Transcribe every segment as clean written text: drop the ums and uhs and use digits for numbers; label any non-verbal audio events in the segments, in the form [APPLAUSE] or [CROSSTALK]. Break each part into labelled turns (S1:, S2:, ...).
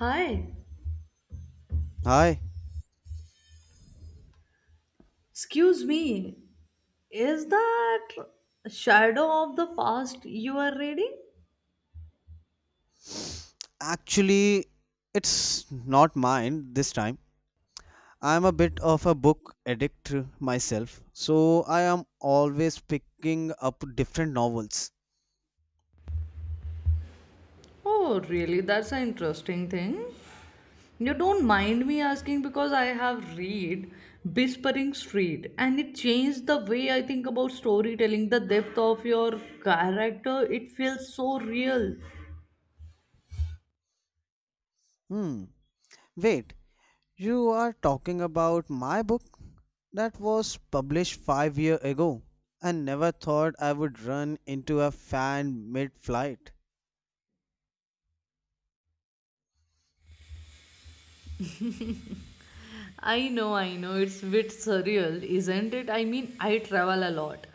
S1: Hi,
S2: Hi.
S1: excuse me. Is that Shadow of the Past you are reading?
S2: Actually, it's not mine this time. I'm a bit of a book addict myself, so I am always picking up different novels.
S1: Oh, really? That's an interesting thing. You don't mind me asking because I have read Whispering Street and it changed the way I think about storytelling, the depth of your character. It feels so real.
S2: Hmm. Wait, you are talking about my book that was published 5 years ago. I never thought I would run into a fan mid-flight.
S1: I know. It's a bit surreal, isn't it? I mean, I travel a lot.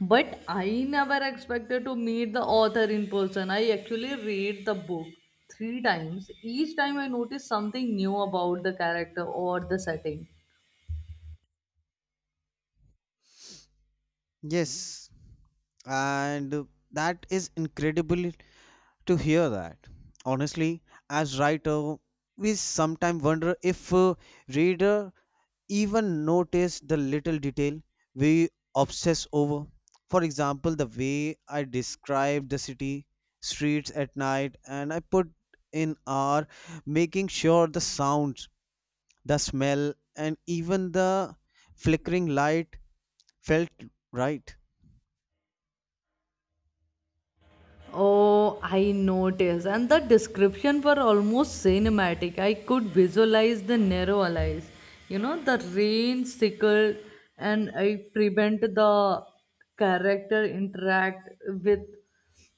S1: But I never expected to meet the author in person. I actually read the book three times. Each time I noticed something new about the character or the setting.
S2: Yes, and that is incredibly to hear that. Honestly, as writer, we sometimes wonder if a reader even notice the little detail we obsess over. For example, the way I describe the city, streets at night, and I put in R, making sure the sounds, the smell, and even the flickering light felt right.
S1: Oh, I noticed. And the description were almost cinematic. I could visualize the narrow alleys. You know, the rain sickled and I prevent the character interact with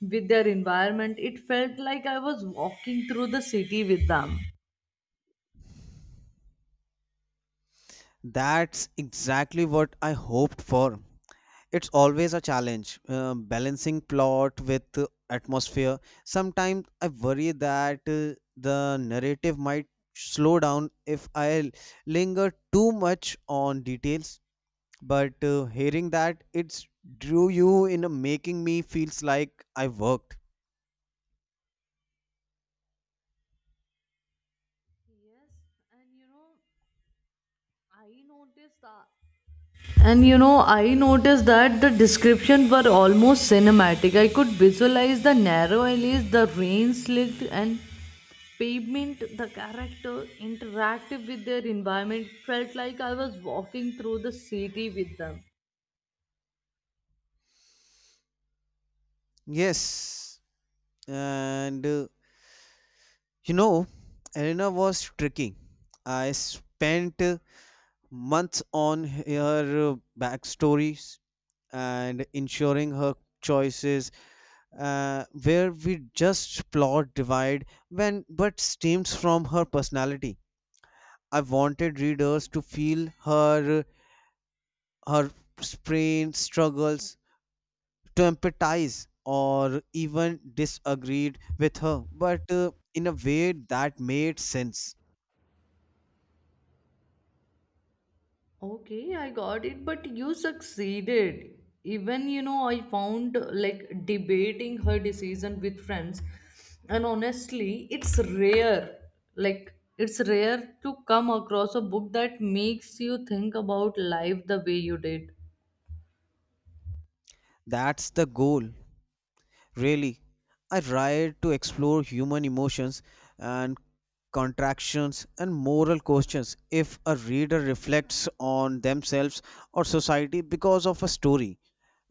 S1: with their environment. It felt like I was walking through the city with them.
S2: That's exactly what I hoped for. It's always a challenge, balancing plot with atmosphere. Sometimes I worry that the narrative might slow down if I linger too much on details, but hearing that it's drew you in a making me feels like I worked.
S1: Yes, and you know, I noticed that And you know, I noticed that the descriptions were almost cinematic. I could visualize the narrow alleys, the rain slicked, and pavement. The character interacted with their environment. Felt like I was walking through the city with them.
S2: Yes, and you know Elena was tricky. I spent months on her backstories and ensuring her choices where we just plot divide when but stems from her personality. I wanted readers to feel her sprain struggles to empathize or even disagreed with her, but in a way that made sense.
S1: Okay, I got it, but you succeeded. Even, you know, I found like debating her decision with friends, and honestly, it's rare. Like, it's rare to come across a book that makes you think about life the way you did.
S2: That's the goal. Really, I tried to explore human emotions and contractions and moral questions if a reader reflects on themselves or society because of a story.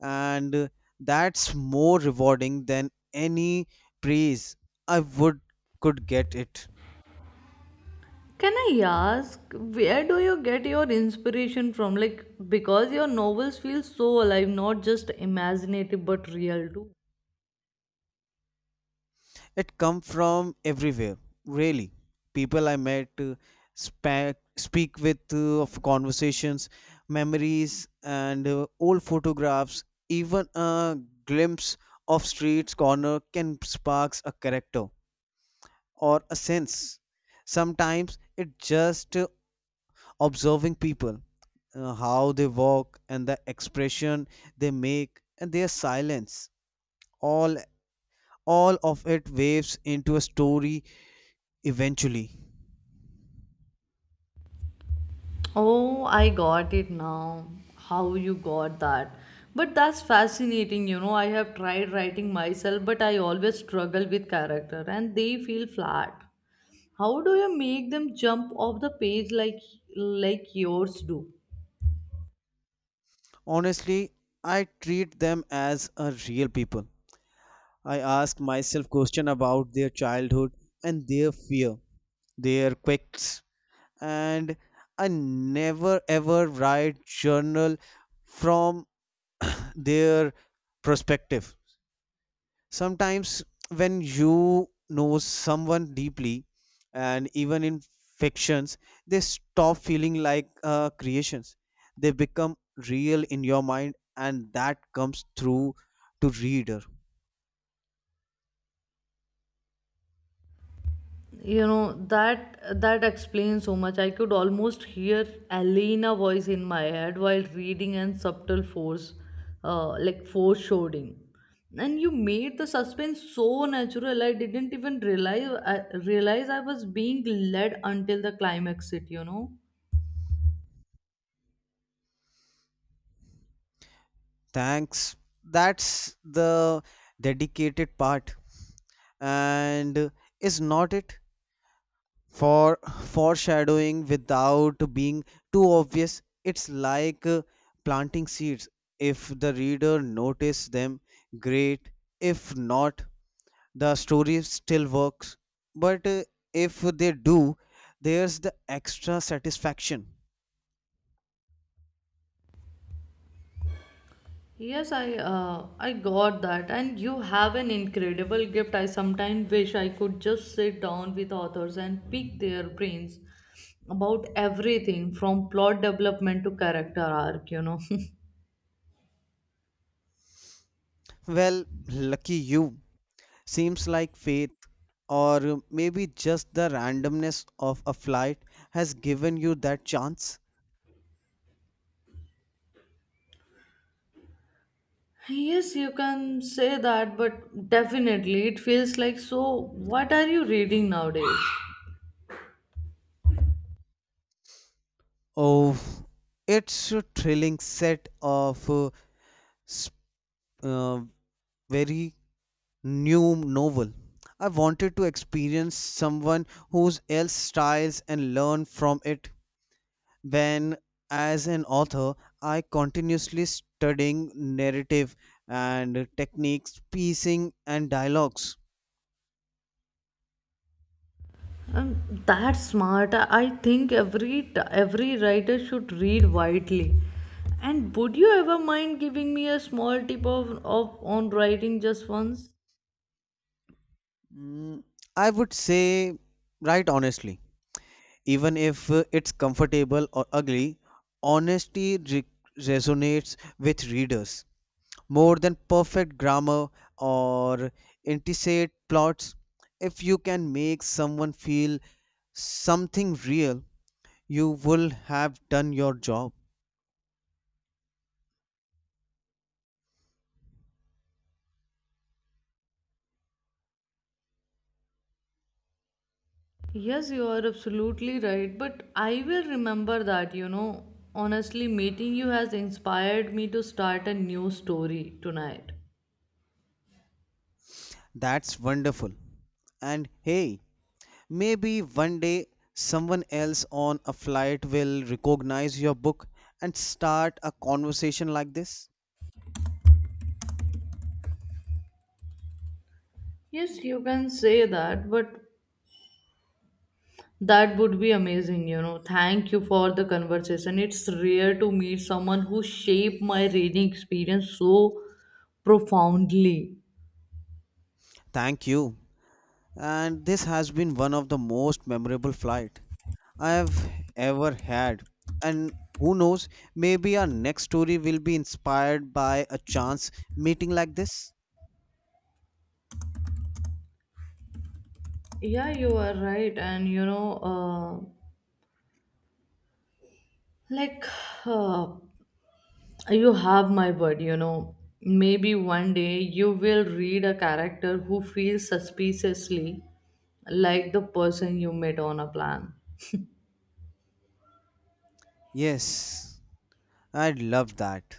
S2: And that's more rewarding than any praise I would could get it.
S1: Can I ask, where do you get your inspiration from? Like, because your novels feel so alive, not just imaginative but real too.
S2: It come from everywhere, really. People I met, speak with of conversations, memories, and old photographs. Even a glimpse of streets corner can sparks a character or a sense. Sometimes it just observing people, how they walk and the expression they make and their silence. All all of it waves into a story eventually.
S1: Oh, I got it now. How you got that? But that's fascinating, you know. I have tried writing myself, but I always struggle with character and they feel flat. How do you make them jump off the page like yours do?
S2: Honestly, I treat them as a real people. I ask myself questions about their childhood and their fear, their quirks, and I never ever write journal from [CLEARS THROAT] their perspective. Sometimes when you know someone deeply and even in fictions, they stop feeling like creations. They become real in your mind, and that comes through to reader.
S1: You know that explains so much. I could almost hear Alina voice in my head while reading and subtle force, like foreshadowing, and you made the suspense so natural. I didn't even realize I was being led until the climax. It, you know.
S2: Thanks. That's the dedicated part and is not it for foreshadowing without being too obvious. It's like planting seeds. If the reader notices them, great. If not, the story still works, but if they do, there's the extra satisfaction.
S1: Yes, I got that, and you have an incredible gift. I sometimes wish I could just sit down with authors and pick their brains about everything from plot development to character arc. You know.
S2: Well, lucky you. Seems like faith or maybe just the randomness of a flight has given you that chance.
S1: [LAUGHS] Yes, you can say that, but definitely it feels like so. What are you reading nowadays?
S2: Of it's a thrilling set of s- uh, very new novel. I wanted to experience someone whose else styles and learn from it. When, as an author, I continuously studying narrative and techniques, pacing and dialogues.
S1: Um, that's smart. I think every writer should read widely. And would you ever mind giving me a small tip of on writing just once?
S2: Mm, I would say, right honestly. Even if it's comfortable or ugly, honesty resonates with readers more than perfect grammar or intricate plots. If you can make someone feel something real, you will have done your job.
S1: Yes, you are absolutely right. But I will remember that. You know, honestly, meeting you has inspired me to start a new story tonight.
S2: That's wonderful. And hey, maybe one day someone else on a flight will recognize your book and start a conversation like this.
S1: Yes, you can say that, but that would be amazing, you know. Thank you for the conversation. It's rare to meet someone who shaped my reading experience so profoundly.
S2: Thank you. And this has been one of the most memorable flight I have ever had. And who knows, maybe our next story will be inspired by a chance meeting like this.
S1: Yeah, you are right. And, you know, like, uh, you have my word, you know. Maybe one day you will read a character who feels suspiciously like the person you met on a plan.
S2: Yes, I'd love that.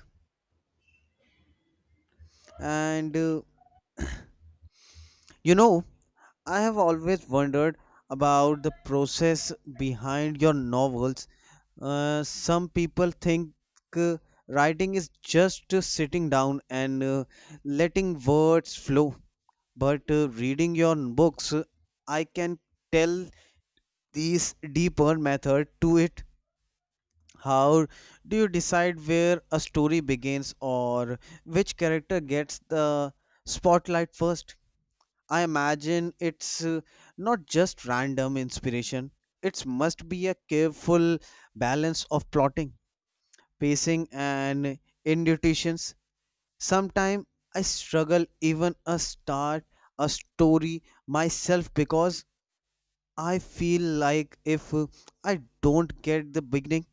S2: And you know, I have always wondered about the process behind your novels. Some people think uh, writing is just sitting down and letting words flow, but reading your books I can tell these deeper method to it. How do you decide where a story begins or which character gets the spotlight first? I imagine it's not just random inspiration. It must be a careful balance of plotting, pacing and intuitions. Sometimes I struggle even a start a story myself because I feel like if I don't get the beginning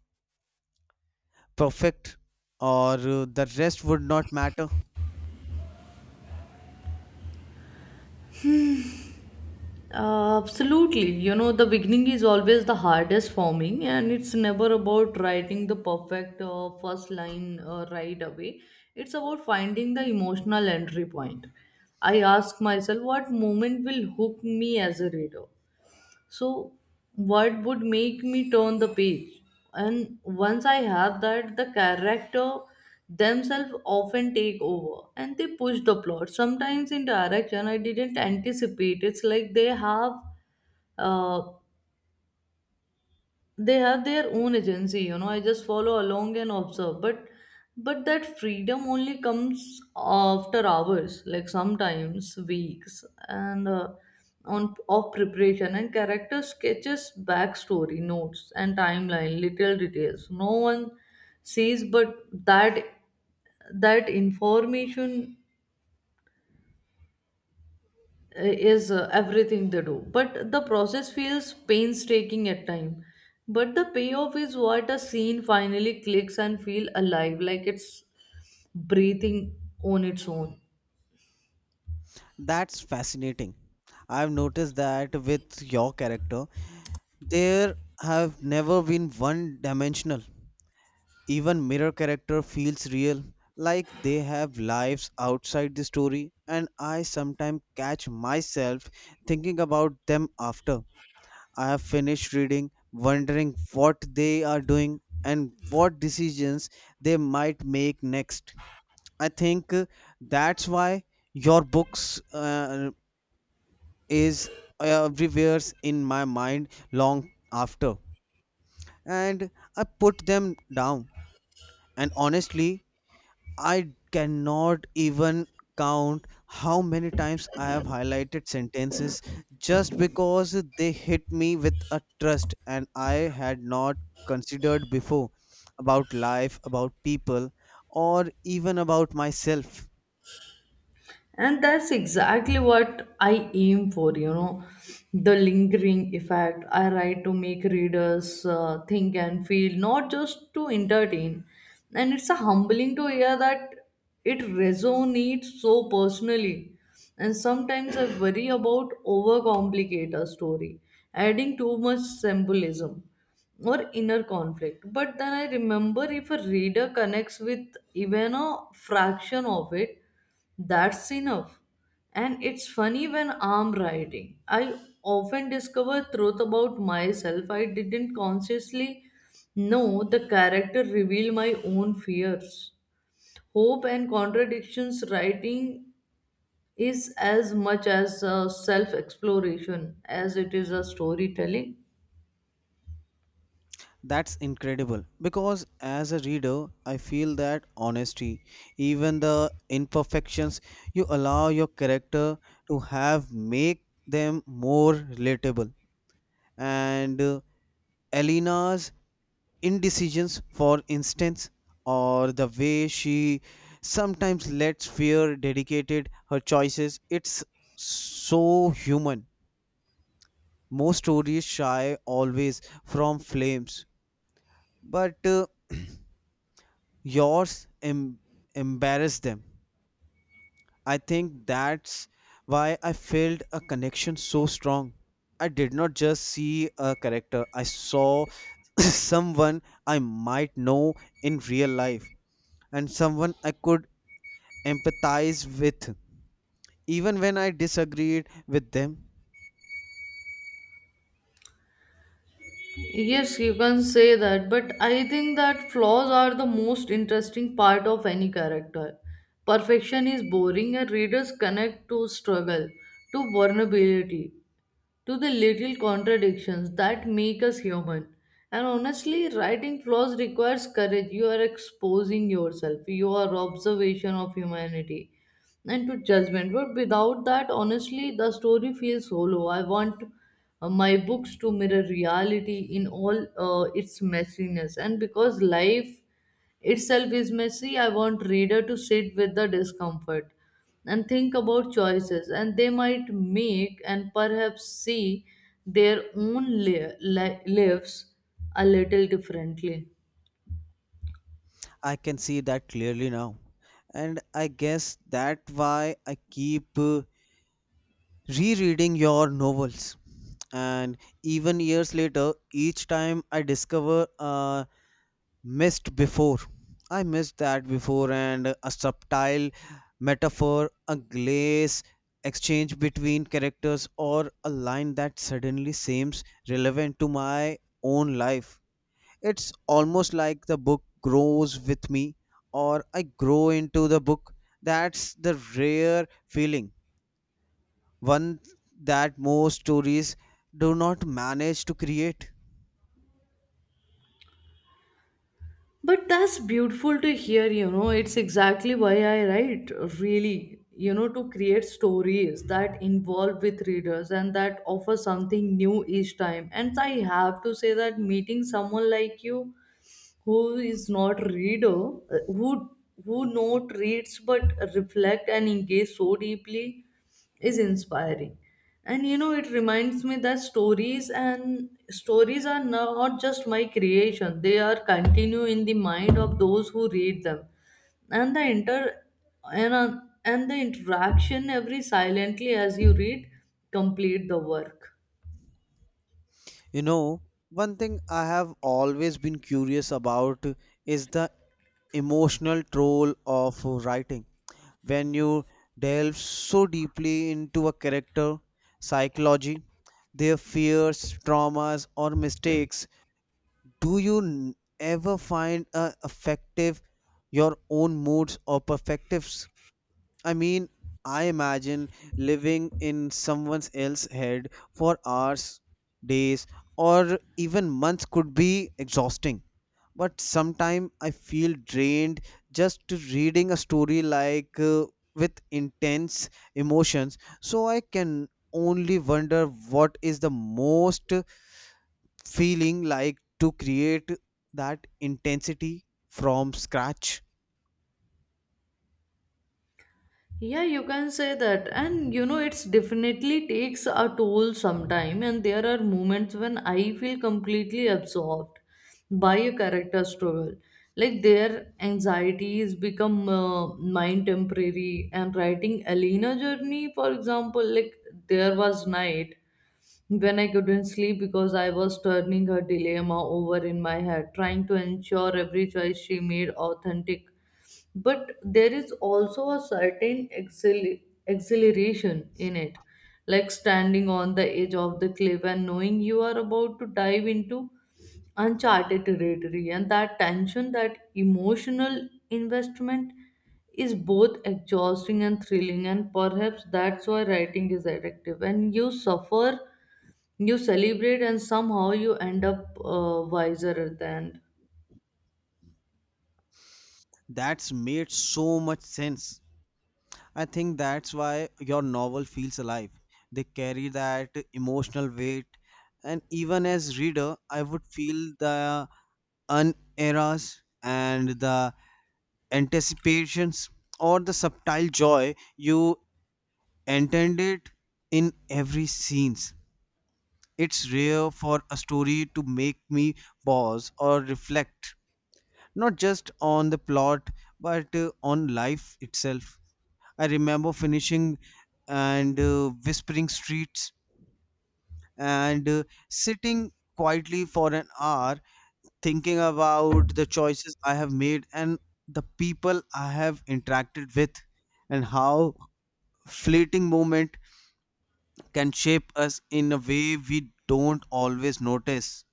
S2: perfect or the rest would not matter.
S1: Absolutely. You know, the beginning is always the hardest for me, and it's never about writing the perfect first line right away. It's about finding the emotional entry point. I ask myself, what moment will hook me as a reader? So what would make me turn the page? And once I have that, the character themselves often take over and they push the plot sometimes in direction I didn't anticipate. It's like uh, they have their own agency, you know. I just follow along and observe, but that freedom only comes after hours, like sometimes weeks, and on of preparation and character sketches, backstory notes, and timeline little details no one sees. But that information, is everything they do. But the process feels painstaking at time, but the payoff is what a scene finally clicks and feel alive, like it's breathing on its own.
S2: That's fascinating. I've noticed that with your character, there have never been one dimensional. Even mirror character feels real, like they have lives outside the story, and I sometimes catch myself thinking about them after. I have finished reading, wondering what they are doing and what decisions they might make next. I think that's why your books is everywhere in my mind long after and I put them down. And honestly, I cannot even count how many times I have highlighted sentences just because they hit me with a trust and I had not considered before about life, about people, or even about myself.
S1: And that's exactly what I aim for, you know, the lingering effect. I write to make readers think and feel, not just to entertain. And it's a humbling to hear that it resonates so personally. And sometimes I worry about overcomplicate a story, adding too much symbolism or inner conflict. But then I remember, if a reader connects with even a fraction of it, that's enough. And it's funny, when I'm writing, I often discover truth about myself I didn't consciously know. The character reveal my own fears. Hope and contradictions. Writing is as much as a self exploration as it is a storytelling.
S2: That's incredible because as a reader, I feel that honesty, even the imperfections you allow your character to have, make them more relatable, and Elena's indecisions, for instance, or the way she sometimes lets fear dictate her choices, it's so human. Most stories shy always from flames, but [CLEARS THROAT] yours embarrass them. I think that's why I felt a connection so strong. I did not just see a character, I saw [COUGHS] [CLEARS THROAT] someone I might know in real life and someone I could empathize with, even when I disagreed with them.
S1: Yes, you can say that, but I think that flaws are the most interesting part of any character. Perfection is boring, and readers connect to struggle, to vulnerability, to the little contradictions that make us human. And honestly, writing flaws requires courage. You are exposing yourself, your observation of humanity, and to judgment. But without that, honestly, the story feels hollow. I want my books to mirror reality in all its messiness. And because life itself is messy, I want reader to sit with the discomfort and think about choices and they might make, and perhaps see their own lives a little differently.
S2: I can see that clearly now. And I guess that's why I keep rereading your novels, and even years later each time I discover a missed before. I missed that before, and a subtle metaphor, a glaze exchange between characters, or a line that suddenly seems relevant to my own life. It's almost like the book grows with me, or I grow into the book. That's the rare feeling, one that most stories do not manage to create.
S1: But that's beautiful to hear, you know. It's exactly why I write, really, you know, to create stories that involve with readers and that offer something new each time. And I have to say that meeting someone like you who is not reader, who not reads but reflect and engage so deeply is inspiring. And you know, it reminds me that stories are not just my creation. They are continue in the mind of those who read them. And and the interaction every silently as you read complete the work.
S2: You know, one thing I have always been curious about is the emotional toll of writing. When you delve so deeply into a character, psychology, their fears, traumas, or mistakes, do you ever find a effective your own moods or perspectives? I mean, I imagine living in someone else's head for hours, days, or even months could be exhausting. But sometimes I feel drained just to reading a story like with intense emotions. So I can only wonder what is the most feeling like to create that intensity from scratch.
S1: Yeah, you can say that. And you know, it's definitely takes a toll sometime. And there are moments when I feel completely absorbed by a character struggle. Like their anxieties become mine temporary. And writing Elena journey, for example, like there was night when I couldn't sleep because I was turning her dilemma over in my head, trying to ensure every choice she made authentic. But there is also a certain exhilaration in it, like standing on the edge of the cliff and knowing you are about to dive into uncharted territory. And that tension, that emotional investment, is both exhausting and thrilling. And perhaps that's why writing is addictive. And you suffer, you celebrate, and somehow you end up wiser at the end.
S2: That's made so much sense. I think that's why your novel feels alive. They carry that emotional weight, and even as reader, I would feel the uneras and the anticipations or the subtle joy you intended in every scenes. It's rare for a story to make me pause or reflect, not just on the plot, but on life itself. I remember finishing and whispering streets and sitting quietly for an hour thinking about the choices I have made and the people I have interacted with and how fleeting moment can shape us in a way we don't always notice.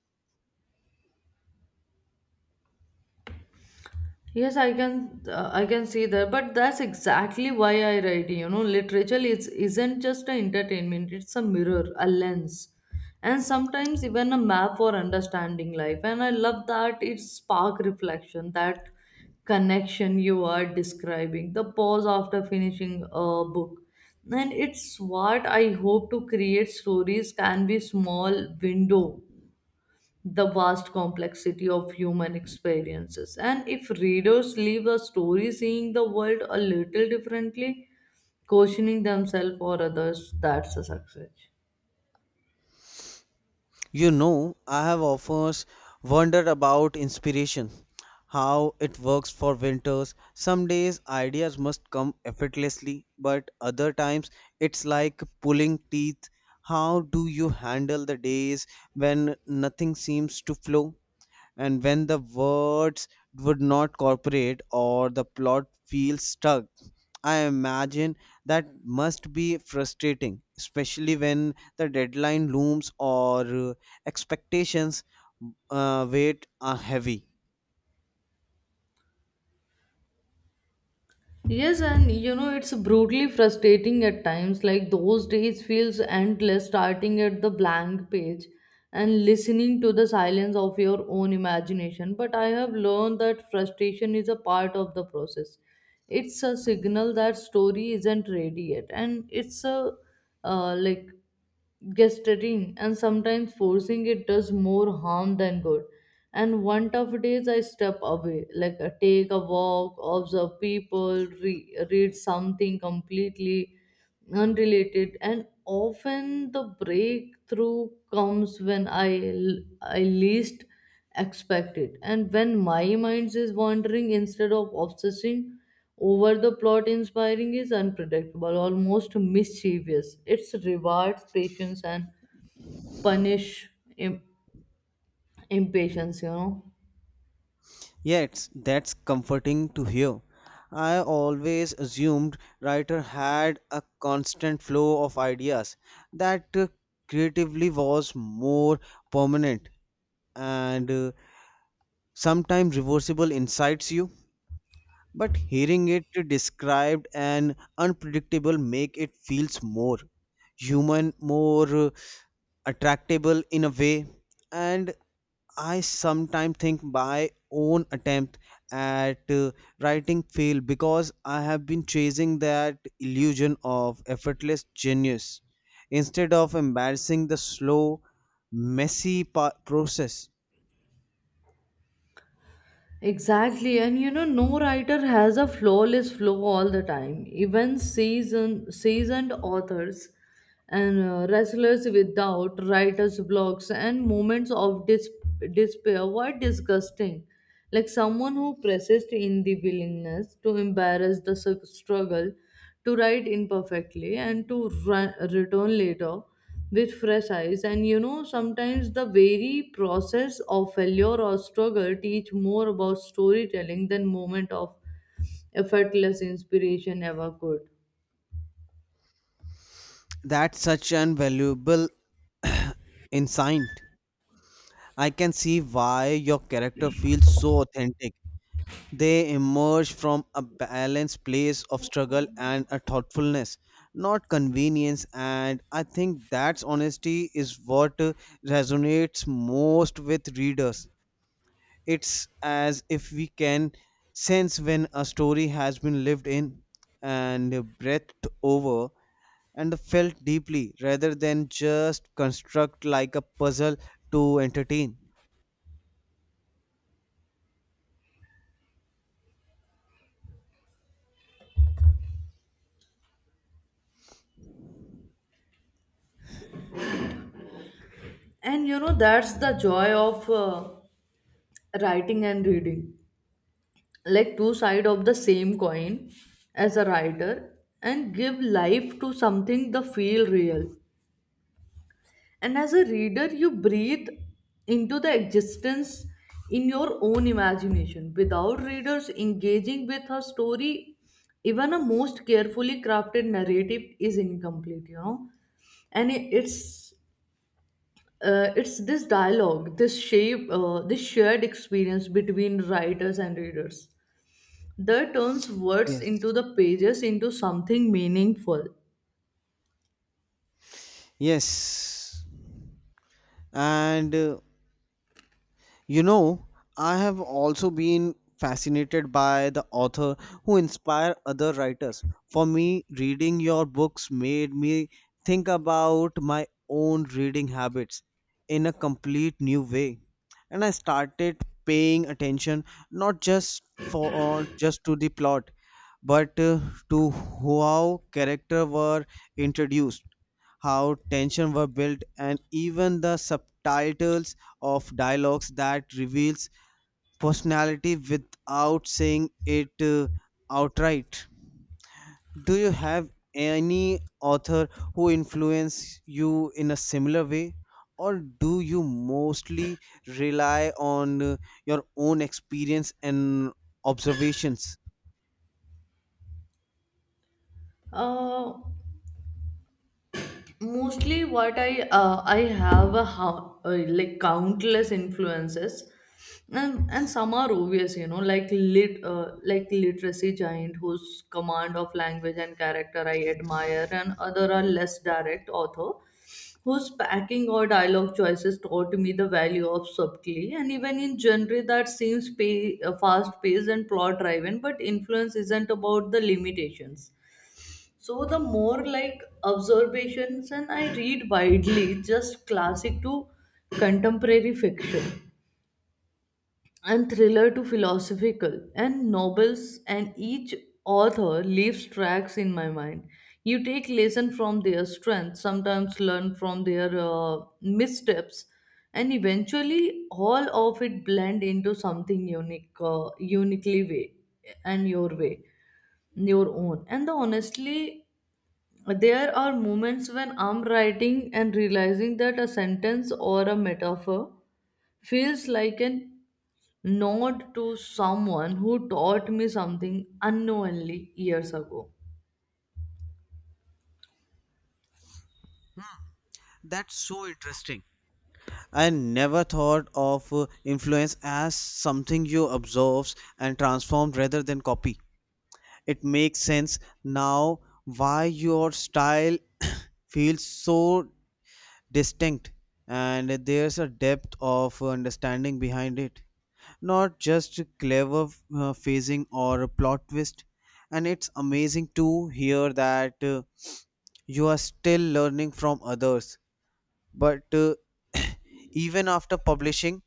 S1: Yes, I can see that, but that's exactly why I write. You know, literature is isn't just an entertainment; it's a mirror, a lens, and sometimes even a map for understanding life. And I love that it spark reflection, that connection you are describing, the pause after finishing a book, and it's what I hope to create. Stories can be small window the vast complexity of human experiences. And if readers leave a story seeing the world a little differently, questioning themselves or others, that's a success.
S2: I have often wondered about inspiration, how it works for winters. Some days ideas must come effortlessly, but other times it's like pulling teeth. How do you handle the days when nothing seems to flow, and when the words would not cooperate or the plot feels stuck? I imagine that must be frustrating, especially when the deadline looms or expectations weight are heavy.
S1: Yes, and you know, it's brutally frustrating at times. Like those days feels endless, starting at the blank page and listening to the silence of your own imagination. But I have learned that frustration is a part of the process. It's a signal that story isn't ready yet, and it's a, like, gesturing, and sometimes forcing it does more harm than good. And one tough days I step away, like I take a walk, observe people, read something completely unrelated, and often the breakthrough comes when I least expect it. And when my mind is wandering instead of obsessing over the plot, inspiring is unpredictable, almost mischievous. It rewards patience and punish im- impatience, you know.
S2: Yet that's comforting to hear. I always assumed writer had a constant flow of ideas, that creatively was more permanent, and sometimes reversible incites you, but hearing it described and unpredictable make it feels more human, more attractable in a way. And I sometimes think my own attempt at writing failed because I have been chasing that illusion of effortless genius instead of embarrassing the slow, messy process.
S1: Exactly, and you know, no writer has a flawless flow all the time. Even seasoned authors and wrestlers without writers' blocks and moments of despair were disgusting. Like someone who persists in the willingness to embrace the struggle to write imperfectly and to return later with fresh eyes. And you know, sometimes the very process of failure or struggle teach more about storytelling than moment of effortless inspiration ever could.
S2: That such an valuable Inside, I can see why your character feels so authentic. They emerge from a balanced place of struggle and a thoughtfulness, not convenience. And I think that's honesty is what resonates most with readers. It's as if we can sense when a story has been lived in and breathed over and felt deeply rather than just construct like a puzzle to entertain.
S1: And you know, that's the joy of writing and reading, like two side of the same coin. As a writer and give life to something the feel real. And as a reader, you breathe into the existence in your own imagination. Without readers engaging with a story, even a most carefully crafted narrative is incomplete, you know. And it's, it's this dialogue, this shared experience between writers and readers that turns words into
S2: Yes.
S1: the pages into something meaningful.
S2: Yes. And You know, I have also been fascinated by the author who inspire other writers. For me, reading your books made me think about my own reading habits in a complete new way. And I started paying attention not just for just to the plot, but to how characters were introduced, how tension were built, and even the subtitles of dialogues that reveals personality without saying it outright. Do you have any author who influenced you in a similar way, or do you mostly rely on your own experience and observations?
S1: Uh, mostly what I have a how, like countless influences and some are obvious, you know, like lit like literacy giant whose command of language and character I admire, and other are less direct author whose packing or dialogue choices taught me the value of subtlety, and even in genre that seems fast paced and plot driven, but influence isn't about the limitations, so the more like observations, and I read widely, just classic to contemporary fiction and thriller to philosophical and novels, and each author leaves tracks in my mind. You take lesson from their strength, sometimes learn from their missteps, and eventually all of it blend into something uniquely way and your way your own. And the honestly, there are moments when I'm writing and realizing that a sentence or a metaphor feels like a nod to someone who taught me something unknowingly years ago.
S2: That's so interesting. I never thought of influence as something you absorb and transform rather than copy. It makes sense now why your style [COUGHS] [CLEARS THROAT] feels so distinct, and there's a depth of understanding behind it, not just clever phasing or a plot twist. And it's amazing to hear that you are still learning from others, but [COUGHS] [CLEARS THROAT] even after publishing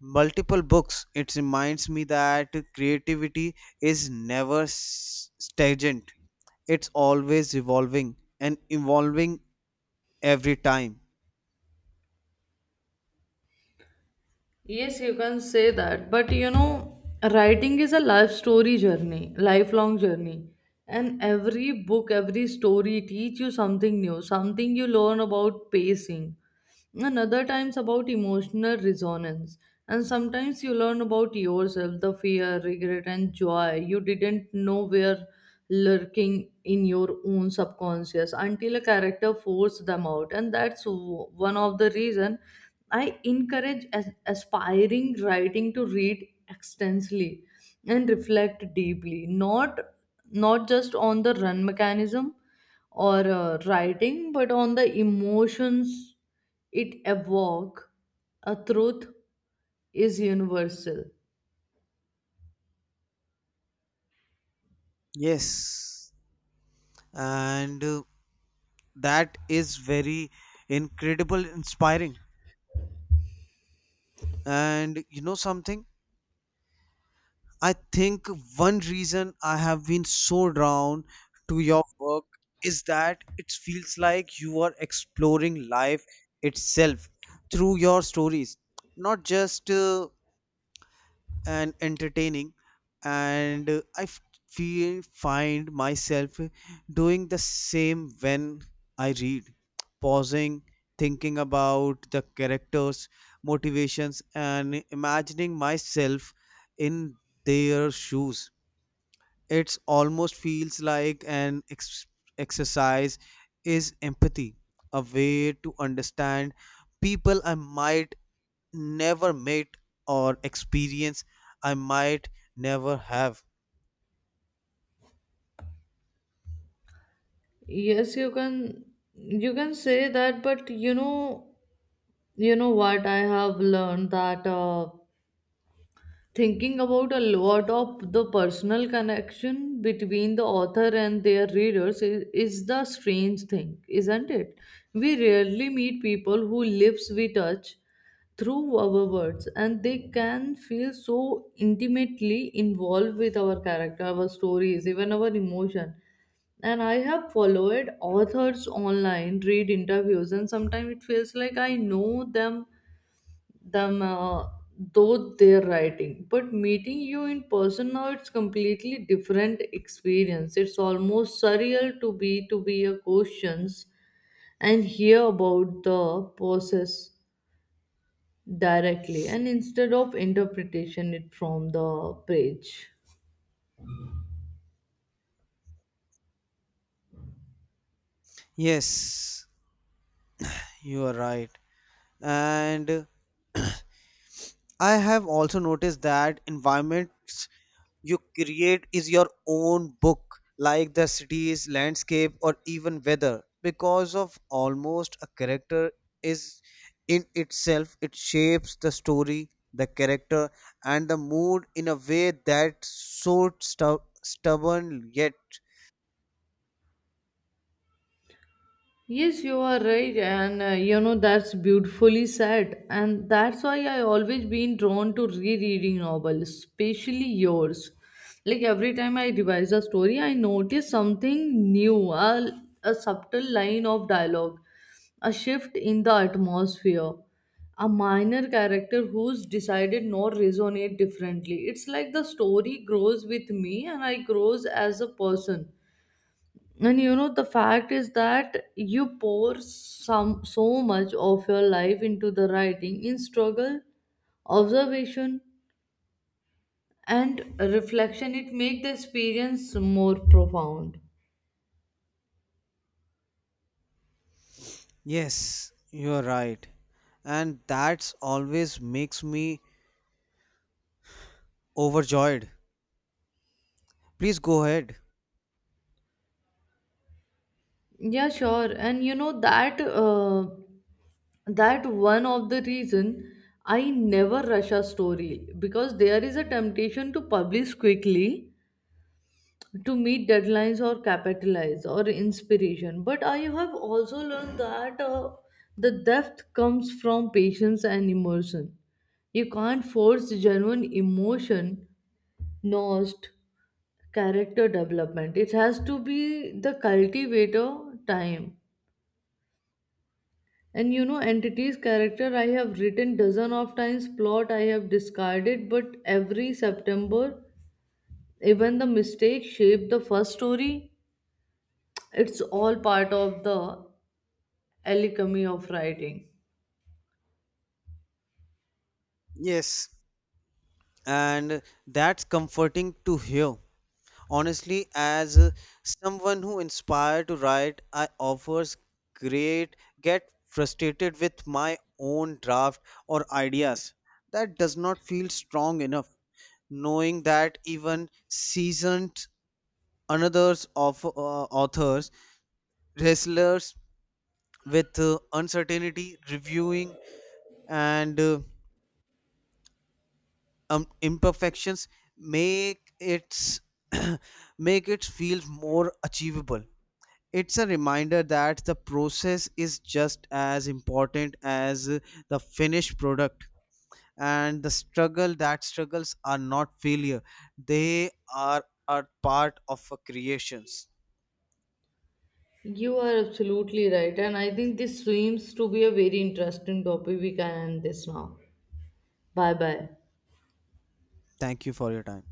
S2: multiple books, it reminds me that creativity is never stagnant. It's always revolving and evolving every time.
S1: Yes, you can say that. But you know, writing is a, lifelong journey. And every book, every story teach you something new, something you learn about pacing, and other times about emotional resonance. And sometimes you learn about yourself, the fear, regret, and joy you didn't know were lurking in your own subconscious until a character forced them out. And that's one of the reason I encourage as aspiring writing to read extensively and reflect deeply, not just on the run mechanism or writing, but on the emotions it evoke. A truth is universal.
S2: Yes, and that is very incredible, inspiring. And you know something? I think one reason I have been so drawn to your work is that it feels like you are exploring life itself through your stories, not just and entertaining, and feel find myself doing the same when I read, pausing, thinking about the characters motivations and imagining myself in their shoes. It almost feels like an exercise is empathy, a way to understand people I might never met or experienced, I might never have.
S1: Yes, you can say that, but you know what I have learned that. Thinking about a lot of the personal connection between the author and their readers is the strange thing, isn't it? We rarely meet people who lives we touch through our words, and they can feel so intimately involved with our character, our stories, even our emotion. And I have followed authors online, read interviews, and sometimes it feels like I know them though they're writing. But meeting you in person now, it's completely different experience. It's almost surreal to be your questions and hear about the process directly, and instead of interpretation it from the page.
S2: Yes, you are right. And I have also noticed that environments you create is your own book, like the cities, landscape or even weather, because of almost a character is in itself. It shapes the story, the character, and the mood in a way that so stubborn yet.
S1: Yes, you are right, and you know, that's beautifully said, and that's why I always been drawn to rereading novels, especially yours. Like every time I revise a story, I notice something new, a subtle line of dialogue, a shift in the atmosphere, a minor character who's decided not resonate differently. It's like the story grows with me, and I grows as a person. And you know, the fact is that you pour some so much of your life into the writing in struggle, observation, and reflection, it makes the experience more profound.
S2: Yes, you're right. And that's always makes me overjoyed. Please go ahead.
S1: Yeah, sure. And you know that one of the reason I never rush a story, because there is a temptation to publish quickly to meet deadlines or capitalize or inspiration. But I have also learned that the depth comes from patience and immersion. You can't force genuine emotion, not character development. It has to be the cultivator time. And you know, entity's character I have written dozen of times, plot I have discarded, but every September, even the mistake shaped the first story. It's all part of the alchemy of writing.
S2: Yes, and that's comforting to hear. Honestly, as someone who inspired to write, I offers great get frustrated with my own draft or ideas that does not feel strong enough. Knowing that even seasoned another's of authors, wrestlers, with uncertainty, reviewing, and imperfections make its [CLEARS THROAT] make it feel more achievable. It's a reminder that the process is just as important as the finished product, and the struggle that struggles are not failure; they are a part of a creations.
S1: You are absolutely right, and I think this seems to be a very interesting topic. We can end this now. Bye bye.
S2: Thank you for your time.